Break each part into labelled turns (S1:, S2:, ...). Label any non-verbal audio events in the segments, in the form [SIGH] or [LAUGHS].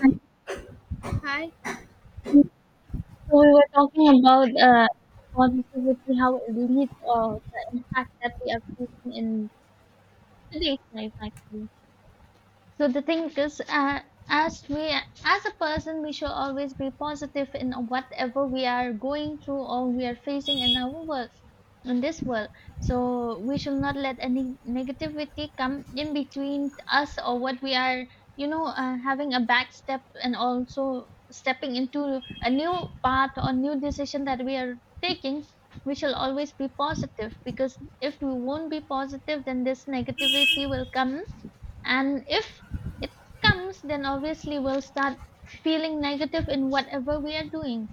S1: And
S2: Hi.
S1: so we were talking about positivity, how it leads or the impact that we are facing in today's life, actually. So the thing is, as we, as a person, we should always be positive in whatever we are going through or we are facing in our work, in this world. So we should not let any negativity come in between us or what we are, having a back step and also stepping into a new path or new decision that we are taking. We shall always be positive because if we won't be positive, then this negativity will come and if it comes, then obviously we'll start feeling negative in whatever we are doing.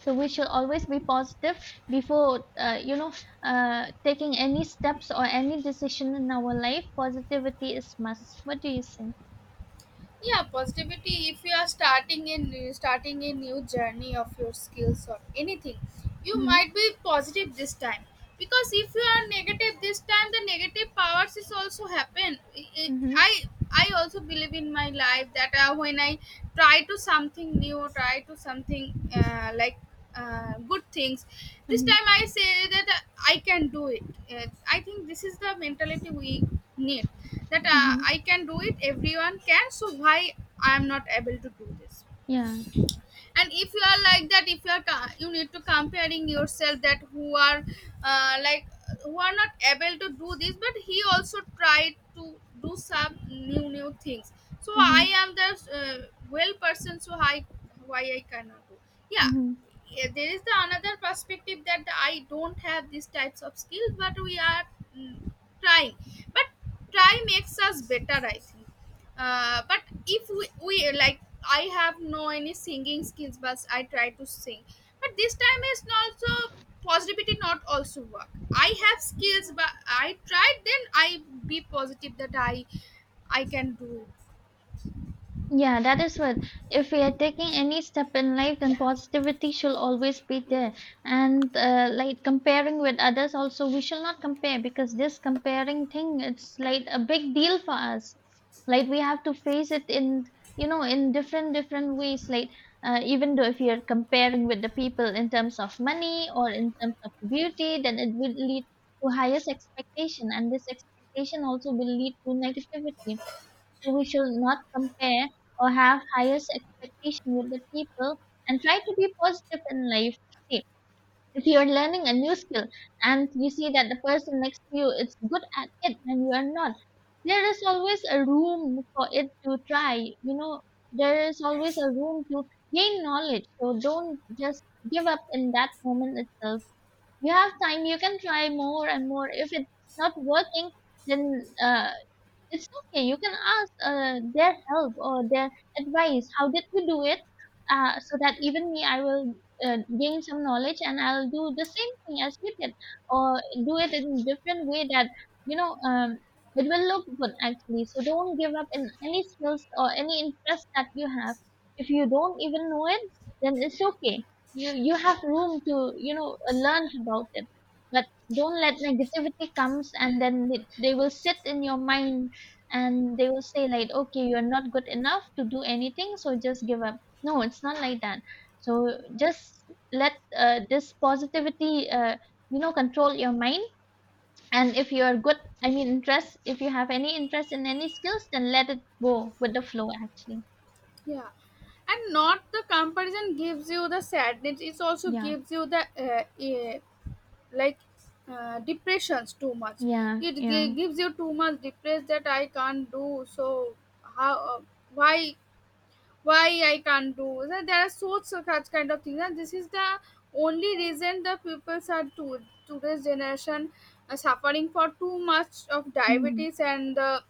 S1: So we should always be positive before, taking any steps or any decision in our life. Positivity is must. What do you say?
S2: Yeah, positivity. If you are starting a new journey of your skills or anything, you
S1: Mm-hmm,
S2: might be positive this time. Because if you are negative this time, the negative powers is also happen.
S1: mm-hmm,
S2: I I also believe in my life that when I try to something new, try to something like good things. This
S1: mm-hmm,
S2: time I say that I can do it. I think this is the mentality we need that
S1: mm-hmm.
S2: I can do it. Everyone can, so why I am not able to do this?
S1: Yeah.
S2: And if you are like that, if you are you need to comparing yourself that who are like who are not able to do this, but he also tried to do some new things. So I
S1: Mm-hmm,
S2: am the uh, well person, so I why I cannot do? Yeah.
S1: mm-hmm.
S2: Yeah, there is the another perspective that I don't have these types of skills, but we are mm, trying. But try makes us better, I think. But if we like I have no any singing skills but I try to sing. But this time is also positivity not also work. I have skills but I tried, then I be positive that I can do.
S1: Yeah, that is what. If we are taking any step in life, then
S2: Yeah,
S1: positivity should always be
S2: yeah,
S1: there. And like comparing with others, also we shall not compare because this comparing thing, it's like a big deal for us. Like we have to face it in, you know, in different different ways. Like even though if you're comparing with the people in terms of money or in terms of beauty, then it will lead to highest expectation, and this expectation also will lead to negativity, so we should not compare or have highest expectation with the people and try to be positive in life. See, if you're learning a new skill and you see that the person next to you is good at it and you are not, there is always a room for it to try. You know, there is always a room to gain knowledge. So don't just give up in that moment itself. You have time, you can try more and more. If it's not working, then uh, it's okay. You can ask their help or their advice. How did you do it? So that even me, I will gain some knowledge and I'll do the same thing as you did, or do it in a different way that, you know um, it will look good actually. So don't give up in any skills or any interest that you have. If you don't even know it, then it's okay. You have room to, you know, learn about it, but don't let negativity comes and then it, they will sit in your mind and they will say like, okay, you're not good enough to do anything, so just give up. No, it's not like that. So just let this positivity you know, control your mind. And if you're good, I mean, interest, if you have any interest in any skills, then let it go with the flow actually.
S2: yeah. And not the comparison gives you the sadness, it also
S1: Yeah,
S2: gives you the like depressions too much.
S1: yeah, yeah.
S2: Gives you too much depressed that I can't do, so how, why why I can't do? So there are so such kind of things, and this is the only reason the peoples are to today's generation are suffering for too much of
S1: Mm-hmm.
S2: diabetes and the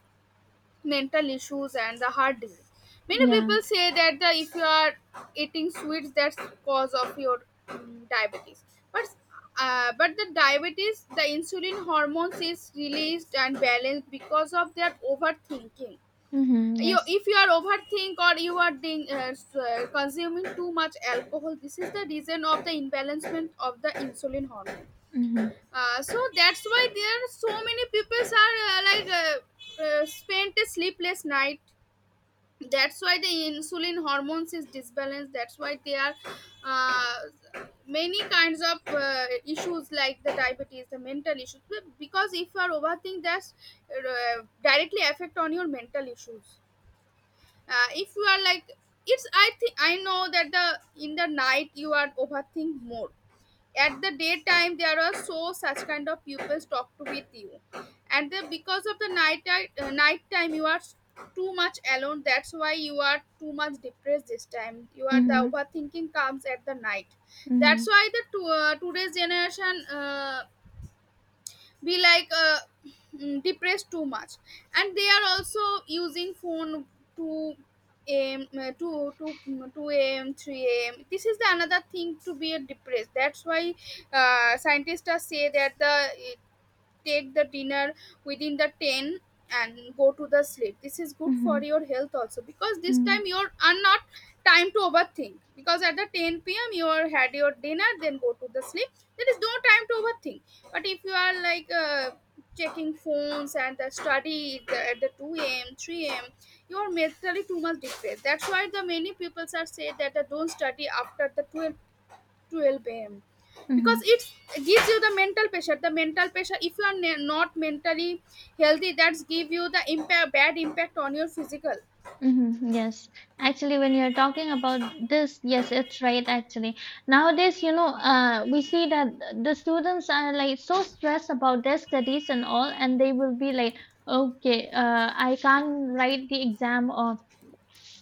S2: mental issues and the heart disease. Many
S1: Yeah.
S2: people say that the if you are eating sweets, that's cause of your diabetes. But uh, but the diabetes, the insulin hormones is released and balanced because of their overthinking.
S1: Mm-hmm.
S2: You
S1: Yes.
S2: If you are overthink or you are doing, consuming too much alcohol, this is the reason of the imbalancement of the insulin hormone.
S1: Mm-hmm.
S2: So that's why there are so many people are like spent a sleepless night, that's why the insulin hormones is disbalanced, that's why there are many kinds of issues like the diabetes, the mental issues. Because if you are overthinking, that's directly affect on your mental issues. If you are like it's I think I know that the in the night you are overthink more. At the daytime, there are so such kind of pupils talk to with you. And then because of the night time, you are too much alone, that's why you are too much depressed. This time you are the
S1: Mm-hmm.
S2: overthinking comes at the night. That's
S1: Mm-hmm.
S2: why the today's generation be like depressed too much. And they are also using phone to am 2 a.m. 3 a.m. This is the another thing to be a depressed, that's why scientists are say that the take the dinner within the 10 and go to the sleep. This is good for
S1: Mm-hmm.
S2: your health also, because this time
S1: Mm-hmm.
S2: you're not time to overthink, because at the 10 p.m you are had your dinner then go to the sleep. There is no time to overthink. But if you are like checking phones and the at the 2 a.m 3 a.m, you are mentally too much depressed. That's why the many people are say that don't study after the 12 a.m. because
S1: Mm-hmm.
S2: it gives you the mental pressure. The mental pressure, if you are not mentally healthy, that's give you the impact, bad impact on your physical.
S1: Mm-hmm. Yes, actually, when you're talking about this, yes, it's right. Actually, nowadays, we see that the students are like so stressed about their studies and all, and they will be like, okay, I can't write the exam, or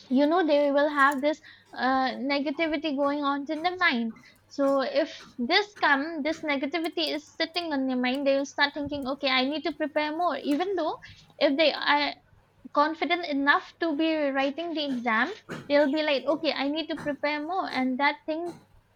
S1: you know, they will have this negativity going on in the mind. So if this come, this negativity is sitting on their mind, they will start thinking, okay, I need to prepare more, even though if they are confident enough to be writing the exam, they'll be like, okay, I need to prepare more, and that thing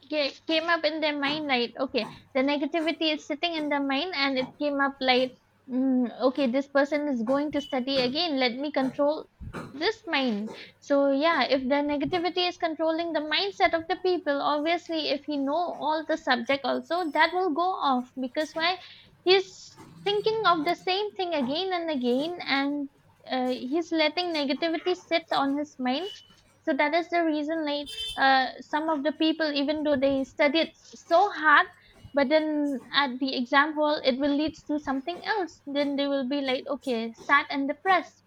S1: came up in their mind like, okay, the negativity is sitting in their mind, and it came up like, okay, this person is going to study again, let me control this mind. So yeah, if the negativity is controlling the mindset of the people, obviously, if he know all the subject also, that will go off because why he's thinking of the same thing again and again, and he's letting negativity sit on his mind. So that is the reason, like, some of the people, even though they studied so hard, but then at the exam hall it will lead to something else, then they will be like, okay, sad and depressed.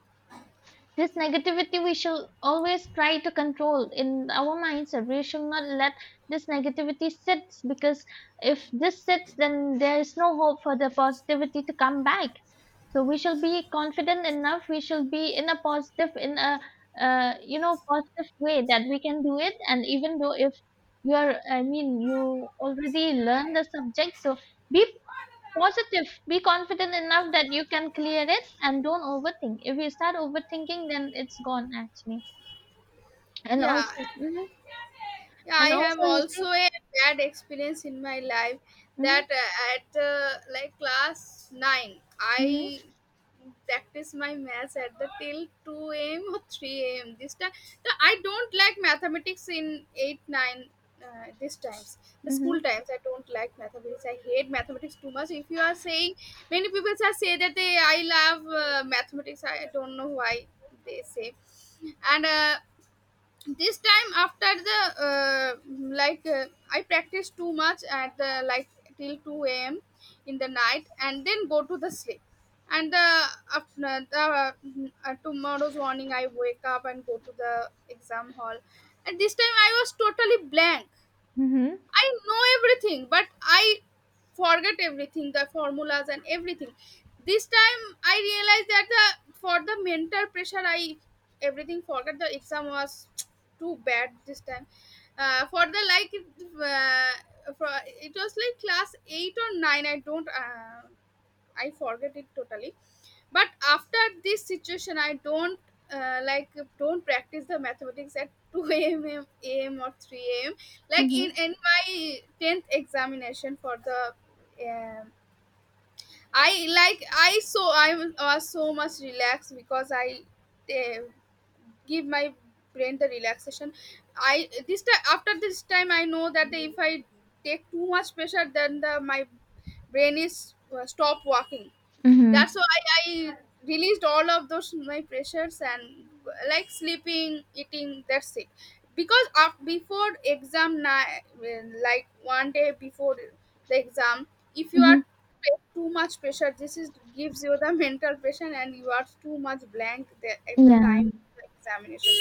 S1: This negativity we shall always try to control in our mindset. We should not let this negativity sit because if this sits, then there is no hope for the positivity to come back. So we shall be confident enough. We shall be in a positive, in a, you know, positive way that we can do it. And even though if you are, I mean, you already learn the subject, so be positive. Be confident enough that you can clear it and don't overthink. If you start overthinking, then it's gone actually. And
S2: Yeah,
S1: also, hmm,
S2: Yeah, I
S1: and
S2: have
S1: also, you
S2: also
S1: see,
S2: a bad experience in my life
S1: hmm.
S2: that at like class 9,
S1: Hmm.
S2: I practice my maths at the till 2 a.m. or 3 a.m. this time. So I don't like mathematics in 8, 9, uh, these times. The school
S1: Hmm.
S2: times, I don't like mathematics. I hate mathematics too much. If you are saying, many people are say that I love mathematics. I don't know why they say. And this time, after the uh, like I practice too much at the like till 2 a.m in the night and then go to the sleep. and the, After the tomorrow's morning, I wake up and go to the exam hall. And this time I was totally blank.
S1: Hmm.
S2: I know everything, but I forget everything, the formulas and everything. This time I realized that the for the mental pressure, I everything forgot. The exam was too bad this time. For the like, it was like class eight or nine. I don't. I forget it totally. But after this situation, I uh, like don't practice the mathematics at [LAUGHS] 2 a.m. Or 3 a.m. Like
S1: Hmm.
S2: in my tenth examination for the. Um, I I was so much relaxed because I uh, give my brain the relaxation. I, this time, after this time, I know that if I take too much pressure, then the my brain is stop working. That's
S1: Hmm.
S2: why I released all of those my pressures and like sleeping, eating. That's it. Because of before exam night, like one day before the exam, if you
S1: Hmm.
S2: are too much pressure, this is gives you the [LAUGHS] mental pressure, and you are too much blank there at the
S1: Yeah.
S2: time of the examination.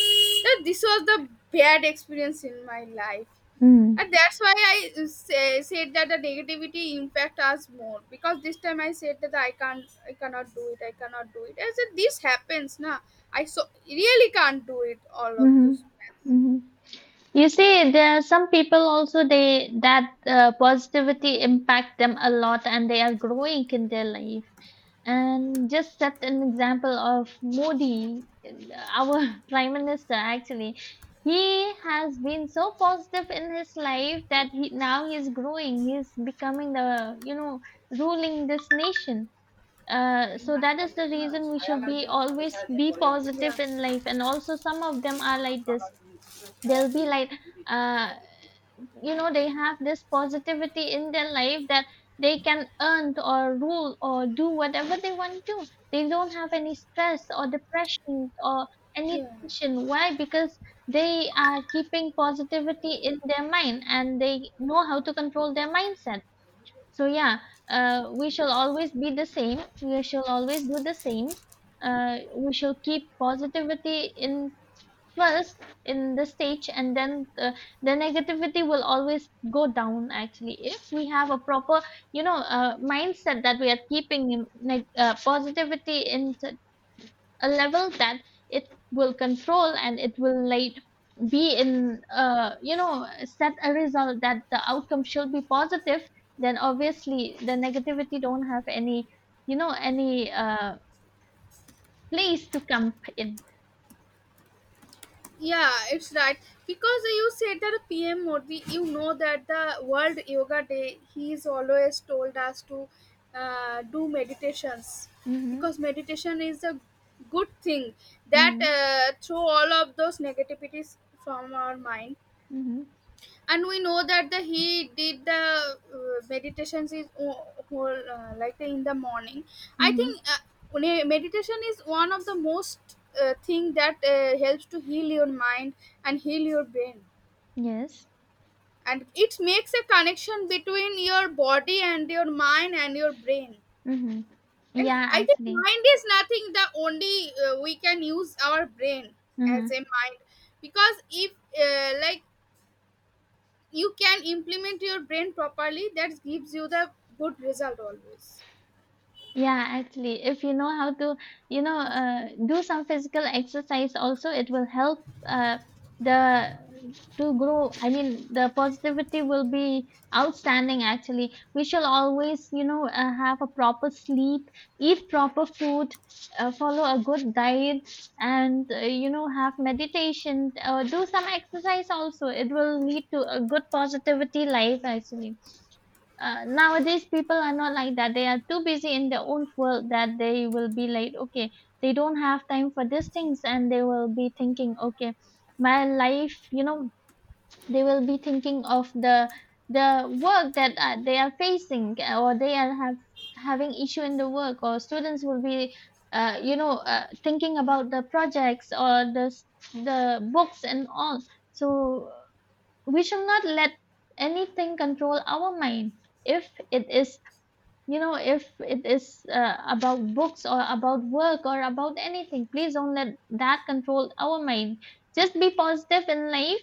S2: So this was the bad experience in my life.
S1: Hmm.
S2: And that's why I said that the negativity impact us more, because this time I said that I can't, I cannot do it, I cannot do it. I said this happens, na. I so really can't do it. All of
S1: Hmm.
S2: this.
S1: Hmm. You see, there are some people also they that positivity impact them a lot, and they are growing in their life. And just set an example of Modi, our [LAUGHS] prime minister. Actually, he has been so positive in his life that he now he is growing. He is becoming the, you know, ruling this nation. So that is the reason we should be always be positive in life. And also, some of them are like this. They'll be like. Uh, you know, they have this positivity in their life that they can earn or rule or do whatever they want to do. They don't have any stress or depression or any
S2: Yeah, yeah.
S1: tension. Why? Because they are keeping positivity in their mind and they know how to control their mindset. So yeah, we shall always be the same, we shall always do the same. We shall keep positivity in first in the stage, and then the negativity will always go down actually if we have a proper, you know, mindset that we are keeping positivity in a level that it will control and it will like be in, you know, set a result that the outcome should be positive, then obviously the negativity don't have any, you know, any place to come in.
S2: Yeah, it's right. Because you said that PM Modi, you know that the World Yoga Day, he is always told us to do meditations.
S1: Mm-hmm,
S2: Because meditation is a good thing that
S1: mm-hmm,
S2: throw all of those negativities from our mind.
S1: mm-hmm,
S2: And we know that the he did the meditations is whole like in the morning, I think.
S1: mm-hmm.
S2: Meditation is one of the most thing that helps to heal your mind and heal your brain.
S1: Yes.
S2: And it makes a connection between your body and your mind and your brain.
S1: Mm-hmm.
S2: And
S1: Yeah,
S2: I think
S1: actually.
S2: mind is nothing, the only we can use our brain as a
S1: Mm-hmm.
S2: mind. Because if like you can implement your brain properly, that gives you the good result always.
S1: Yeah, actually, if you know how to, do some physical exercise also, it will help the to grow. I mean, the positivity will be outstanding, actually. We shall always, have a proper sleep, eat proper food, follow a good diet, and, have meditation, do some exercise also. It will lead to a good positivity life, actually. Nowadays people are not like that, they are too busy in their own world that they will be like, okay, they don't have time for these things, and they will be thinking, okay, my life, you know, they will be thinking of the work that they are facing, or they are have having issue in the work, or students will be thinking about the projects or the the books and all. So we shall not let anything control our mind. If it is, you know, if it is about books or about work or about anything, please don't let that control our mind. Just be positive in life.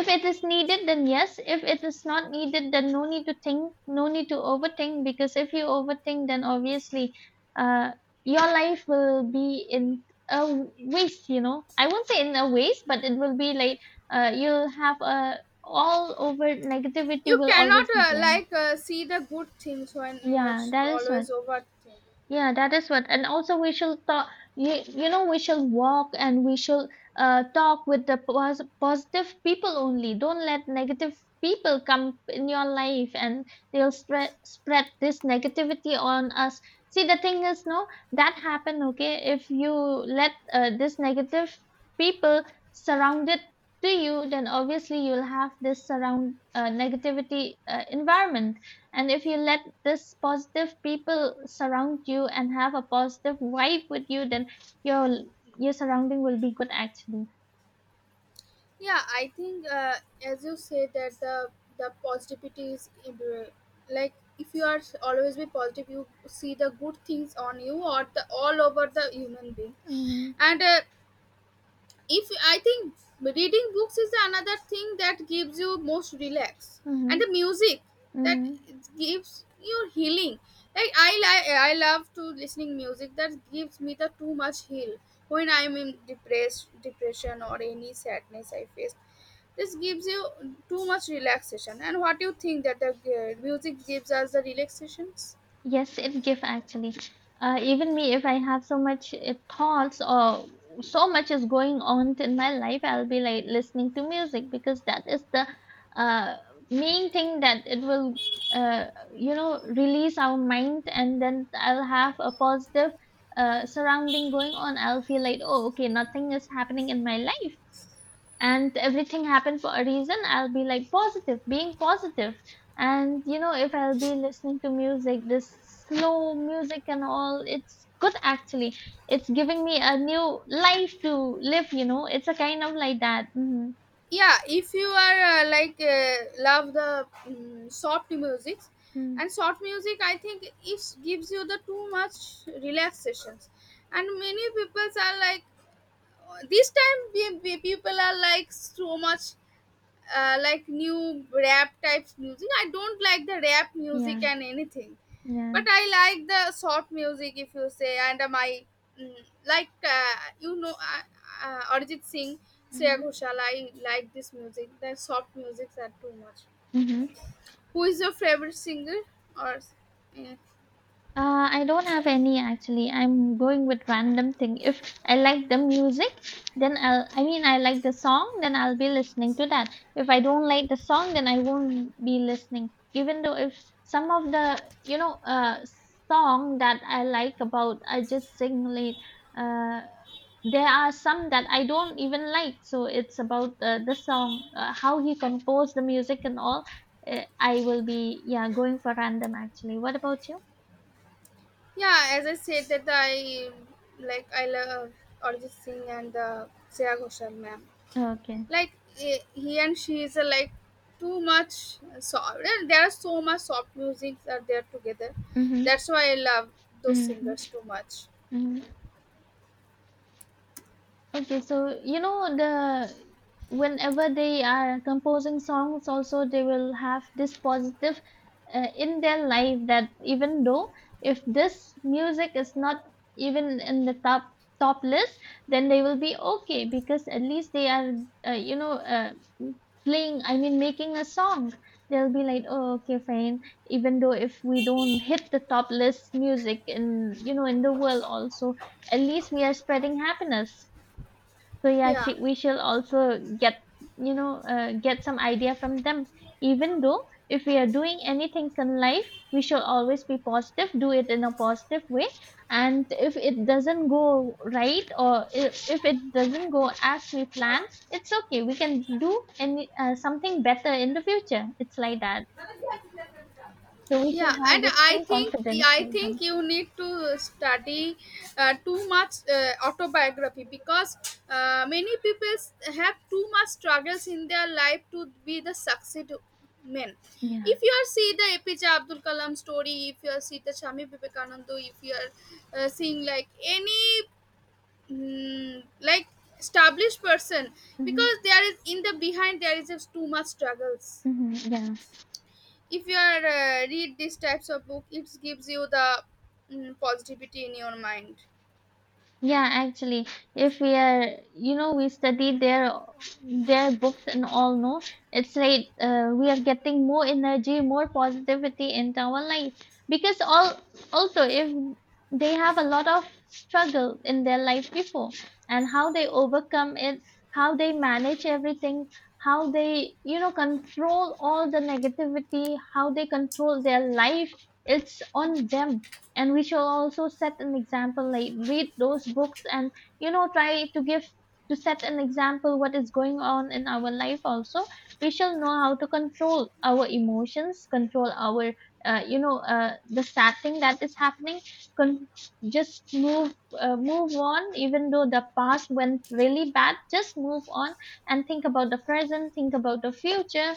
S1: If it is needed, then yes. If it is not needed, then no need to think, no need to overthink. Because if you overthink, then obviously, uh, your life will be in a waste. You know, I won't say in a waste, but it will be like, you'll have a, all over negativity
S2: You
S1: will
S2: cannot
S1: always be there.
S2: like see the good things when you're
S1: Yeah, that is
S2: always
S1: one.
S2: overthink.
S1: Yeah, that is what. And also, we shall talk. You know, we shall walk and we shall talk with the positive people only. Don't let negative people come in your life and they'll spread this negativity on us. See, the thing is, no, that happen. Okay, if you let this negative people surrounded to you, then obviously you'll have this surround negativity environment. And if you let this positive people surround you and have a positive vibe with you, then your your surrounding will be good actually.
S2: Yeah, I think as you say that the positivity is in like if you are always be positive, you see the good things on you or the all over the human being.
S1: Mm-hmm.
S2: And if I think reading books is another thing that gives you most relax. And
S1: Mm-hmm.
S2: the music that
S1: Mm-hmm.
S2: gives you healing, like I love to listening music that gives me the too much heal. When I'm in depressed depression or any sadness I face, this gives you too much relaxation. And what do you think that the music gives us the relaxations?
S1: Yes, it give actually. Even me, if I have so much thoughts or so much is going on in my life, I'll be like listening to music because that is the uh, main thing that it will, uh, release our mind, and then I'll have a positive surrounding going on. I'll feel like, oh, okay, nothing is happening in my life, and everything happened for a reason. I'll be like positive, being positive. And you know, if I'll be listening to music, this slow music and all, it's good actually. It's giving me a new life to live, you know, it's a kind of like that. Mm-hmm.
S2: Yeah, if you are like love the soft music.
S1: Mm-hmm.
S2: And soft music, I think it gives you the too much relaxations. And many people are like this time people are like so much like new rap types music. I don't like the rap
S1: Yeah,
S2: music and anything,
S1: yeah.
S2: but I like the soft music if you say. And my mm, like Arijit Singh, Shreya
S1: Mm-hmm.
S2: Ghoshal. I like this music. The soft musics are too much.
S1: Mm-hmm.
S2: Who is your favorite singer? Or uh,
S1: I don't have any actually. I'm going with random thing. If I like the music, then I like the song, then I'll be listening to that. If I don't like the song, then I won't be listening. Even though if some of the, you know, song that I like about, I just sing late. Uh, there are some that I don't even like. So it's about the song, how he composed the music and all. I will be, yeah, going for random actually. What about you?
S2: yeah, as I said that I love Arijit Singh and Shreya Ghoshal, ma'am.
S1: Okay.
S2: Like he and she is like too much soft, there are so much soft music that they are together.
S1: 嗯哼，
S2: That's why I love those
S1: 嗯哼，
S2: singers too much.
S1: 嗯 Okay, so you know, the whenever they are composing songs, also they will have this positive in their life that even though if this music is not even in the top list, then they will be okay because at least they are uh, you know uh, playing. I mean, making a song. They'll be like, oh, okay, fine. Even though if we don't hit the top list music in, you know, in the world also, at least we are spreading happiness. So yeah,
S2: Yeah.
S1: we shall also get, you know, get some idea from them. Even though if we are doing anything in life, we shall always be positive, do it in a positive way. And if it doesn't go right, or if it doesn't go as we plan, it's okay, we can do any something better in the future. It's like that. So we should
S2: yeah
S1: have
S2: and
S1: the
S2: i
S1: same
S2: think
S1: confidence
S2: I
S1: like
S2: think
S1: them.
S2: you need to study too much autobiography because many people have too much struggles in their life to be the succeed men.
S1: Yeah.
S2: If you are see the APJ Abdul Kalam story, if you are see the Shami Vivekananda, if you are seeing like any like established person,
S1: Mm-hmm.
S2: because there is in the behind there is just too much struggles.
S1: Mm-hmm. Yeah.
S2: If you are read these types of book, it gives you the positivity in your mind.
S1: Yeah, actually, if we are, you know, we study their books and all, no, it's like we are getting more energy, more positivity into our life. Because all, also, if they have a lot of struggle in their life before, and how they overcome it, how they manage everything, how they, you know, control all the negativity, how they control their life, it's on them. And we shall also set an example, like read those books and, you know, try to give, to set an example what is going on in our life also. We shall know how to control our emotions, control our the sad thing that is happening. con- just move on. Even though the past went really bad, just move on and think about the present, think about the future,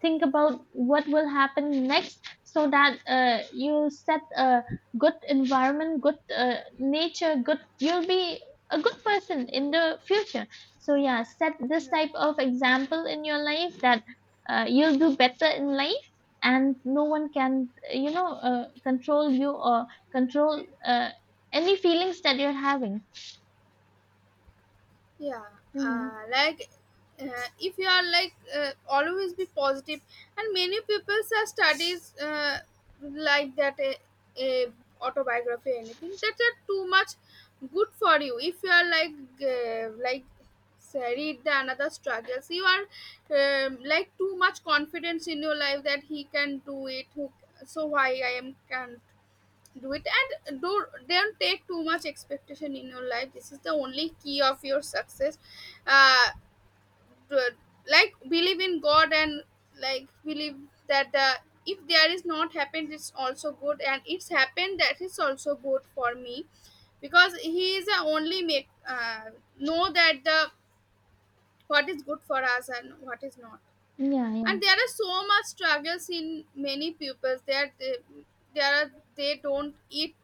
S1: think about what will happen next, so that you set a good environment, good nature, good. You'll be a good person in the future. So yeah, set this
S2: Yeah.
S1: type of example in your life that you'll do better in life, and no one can, you know, control you or control any feelings that you're having.
S2: Yeah.
S1: Hmm.
S2: Like if you are like always be positive, and many people are studies like that a autobiography or anything. That's are too much good for you. If you are like say, read the another struggles, you are like too much confidence in your life that he can do it, who, so why I am can do it. And do don't take too much expectation in your life, this is the only key of your success. uh do- like believe in God and like believe that the if there is not happened it's also good, and it's happened that is also good for me, because he is the only make know that the what is good for us and what is not.
S1: Yeah, yeah.
S2: And there are so much struggles in many pupils that there are they don't eat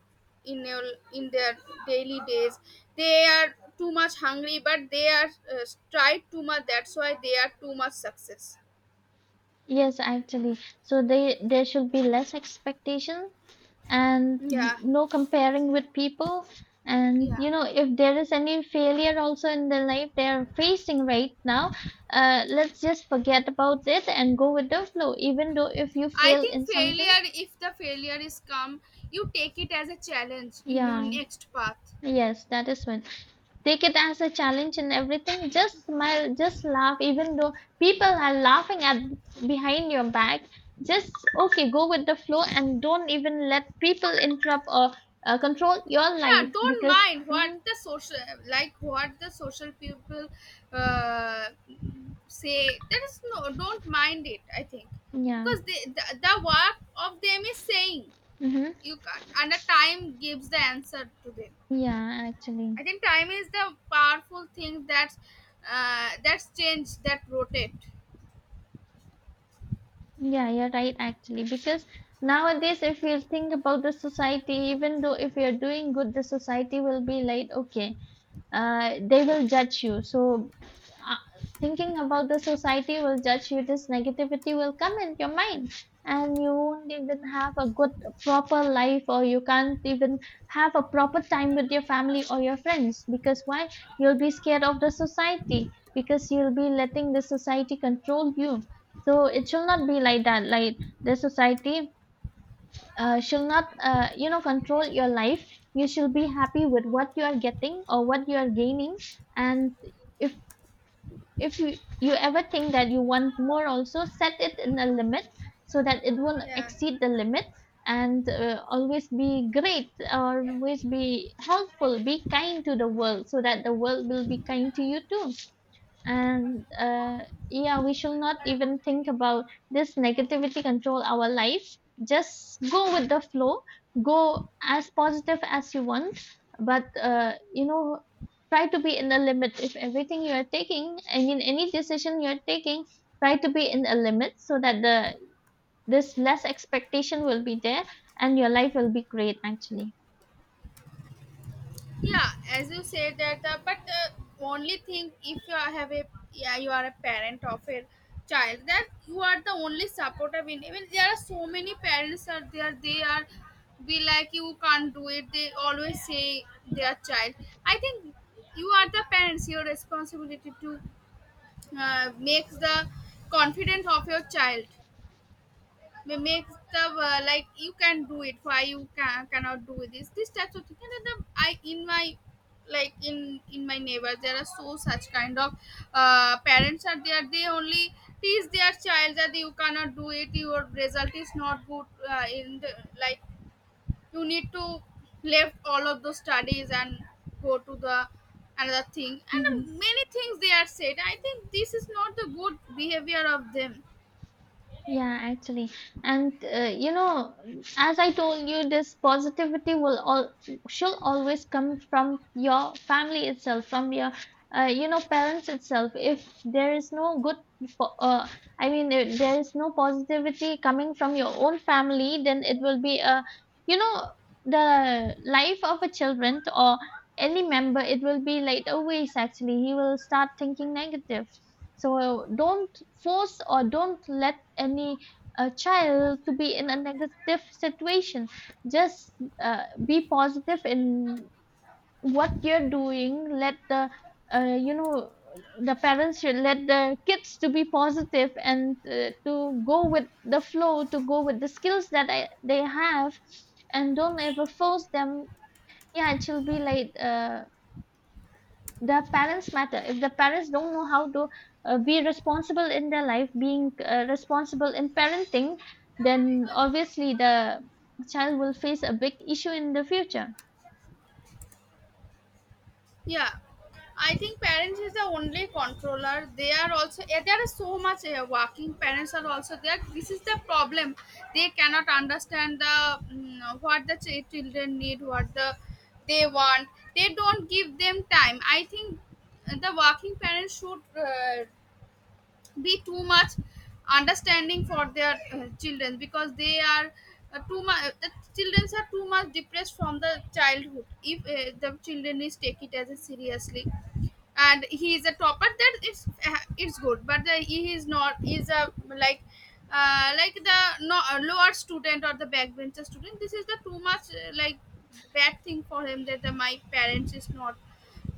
S2: in in their daily days. They are too much hungry, but they are tried too much, that's why they are too much success.
S1: Yes, actually. So they there should be less expectation and
S2: Yeah.
S1: no comparing with people. And
S2: Yeah,
S1: you know, if there is any failure also in the life they are facing right now, let's just forget about it and go with the flow. Even though if you
S2: I
S1: fail
S2: think
S1: in something.
S2: failure, if the failure is come, you take it as a challenge in your
S1: Yeah.
S2: next path.
S1: Yes, that is when, take it as a challenge and everything, just smile, just laugh. Even though people are laughing at behind your back, just okay, go with the flow and don't even let people interrupt or control your
S2: Yeah,
S1: life
S2: don't
S1: because.
S2: mind what
S1: Mhm.
S2: the social, like what the social people uh, say. There is no, don't mind it, I think.
S1: Yeah.
S2: Because the work of them is saying
S1: Mm-hmm.
S2: you can't, and the time gives the answer to them.
S1: Yeah, actually.
S2: I think time is the powerful thing that's changed, that rotate.
S1: Yeah, you're right, actually. Because nowadays, if you think about the society, even though if you're doing good, the society will be like, okay, they will judge you. So, uh, thinking about the society will judge you, this negativity will come in your mind, and you won't even have a good, proper life, or you can't even have a proper time with your family or your friends. Because why? You'll be scared of the society, because you'll be letting the society control you. So, it should not be like that. Like, the society shall not, you know, control your life. You should be happy with what you are getting or what you are gaining. And if if you ever think that you want more, also set it in a limit, so that it won't
S2: Yeah.
S1: exceed the limit. And always be great, always be helpful, be kind to the world, so that the world will be kind to you too. And yeah, we should not even think about this negativity control our life. Just go with the flow, go as positive as you want. But you know, try to be in a limit. If everything you are taking, I mean any decision you are taking, try to be in a limit so that the this less expectation will be there, and your life will be great actually.
S2: Yeah, as you said that, but only thing if you are have a, yeah, you are a parent of a child, that you are the only supporter. In. Even there are so many parents are there. They are be like you can't do it. They always say their child. I think you are the parents. Your responsibility to make the confidence of your child, makes the like you can do it, why you cannot do this, this types of thing. And then I in my like in my neighbors, there are so such kind of parents are there, they only teach their child that you cannot do it, your result is not good in like you need to left all of those studies and go to the another thing. And
S1: Mhm.
S2: many things they are said. I think this is not the good behavior of them.
S1: Yeah, actually. And you know, as I told you, this positivity will all should always come from your family itself, from your you know parents itself. If there is no good, po- uh, I mean, if there is no positivity coming from your own family, then it will be a, you know, the life of a children or any member. It will be like a waste. Actually, he will start thinking negative. So don't force or don't let any child to be in a negative situation. Just be positive in what you're doing. Let the uh, you know the parents should let the kids to be positive and to go with the flow, to go with the skills that they have, and don't ever force them. Yeah, it should be like, the parents matter. If the parents don't know how to be responsible in their life, being responsible in parenting, then obviously the child will face a big issue in the future.
S2: Yeah, I think parents is the only controller. They are also, yeah, there are so much working parents are also there. This is the problem. They cannot understand the what the children need, what the they want. They don't give them time. I think the working parents should be too much understanding for their children, because they are too much, the children are too much depressed from the childhood. If the children is take it as a seriously and he is a topper, that is it's good, but the, he is not, he is a like the no, lower student or the backbencher student, this is the too much like bad thing for him, that the, my parents is not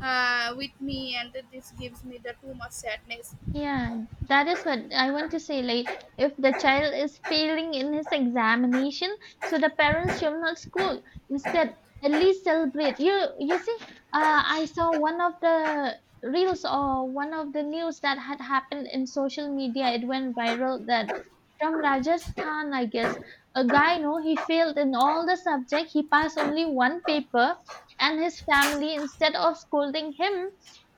S2: with me, and that this gives me the too much sadness.
S1: Yeah, that is what I want to say. Like, if the child is failing in his examination, so the parents should not scold. Instead, at least celebrate. You see, I saw one of the reels or one of the news that had happened in social media. It went viral that from Rajasthan, I guess, a guy, no, he failed in all the subject. He passed only one paper, and his family, instead of scolding him,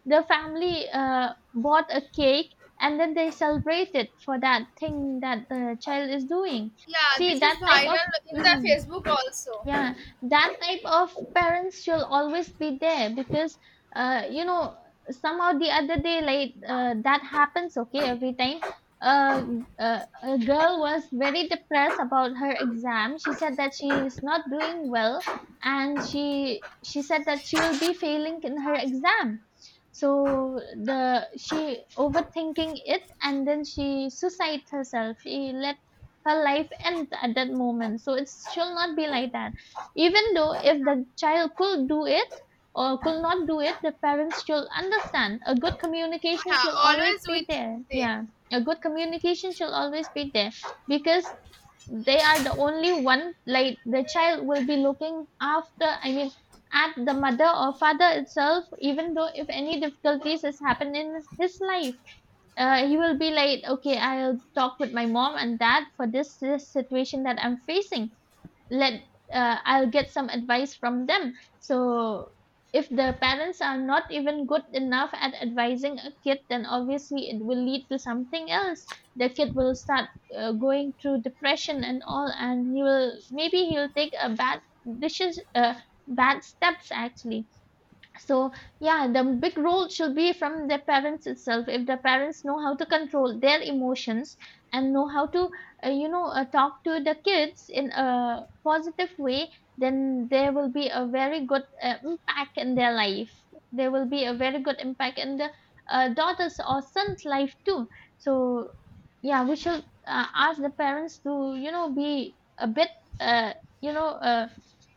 S1: the family bought a cake, and then they celebrated for that thing that the child is doing.
S2: Yeah,
S1: See,
S2: this
S1: that
S2: is
S1: type of.
S2: viral in the
S1: Mhm.
S2: Facebook also.
S1: Yeah, that type of parents should always be there because, you know, somehow the other day, like that happens. Okay, every time, uh, a girl was very depressed about her exam. She said that she is not doing well, and she said that she will be failing in her exam. So the she overthinking it, and then she suicide herself. She let her life end at that moment. So it should not be like that. Even though
S2: Yeah,
S1: if the child could do it or could not do it, the parents should understand. A good communication
S2: yeah,
S1: should always
S2: always
S1: be
S2: with
S1: there.
S2: them.
S1: Yeah, a good communication should always be there because they are the only one. Like the child will be looking after. I mean, at the mother or father itself. Even though if any difficulties has happened in his life, he will be like, okay, I'll talk with my mom and dad for this situation that I'm facing. Let I'll get some advice from them. So if the parents are not even good enough at advising a kid, then obviously it will lead to something else. The kid will start going through depression and all, and he will maybe he'll take a bad decision, bad steps actually. So yeah, the big role should be from the parents itself. If the parents know how to control their emotions and know how to talk to the kids in a positive way, then there will be a very good impact in their life. There will be a very good impact in the daughter's or son's life too. So yeah, we should ask the parents to, you know, be a bit uh, you know uh,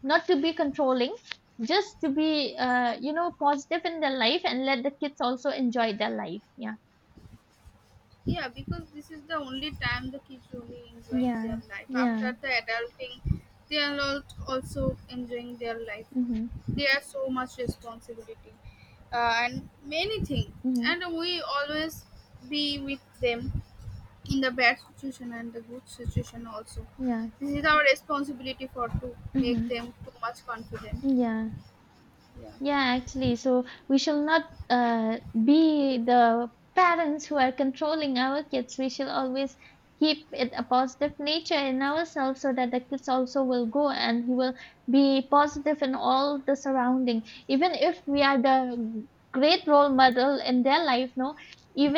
S1: not to be controlling, just to be you know positive in their life and let the kids also enjoy their life. Yeah.
S2: Yeah, because this is the only time the kids really enjoying their
S1: Yeah,
S2: life. After
S1: yeah.
S2: the adulting, they are not also enjoying their life.
S1: Mm-hmm.
S2: They have so much responsibility and many things.
S1: Mm-hmm.
S2: And we always be with them in the bad situation and the good situation also.
S1: Yeah.
S2: This is our responsibility for to make
S1: Mm-hmm.
S2: them too much confident.
S1: Yeah, yeah, actually, so we shall not be the parents who are controlling our kids. We shall always keep it a positive nature in ourselves, so that the kids also will go and he will be positive in all the surrounding. Even if we are the great role model in their life, no, even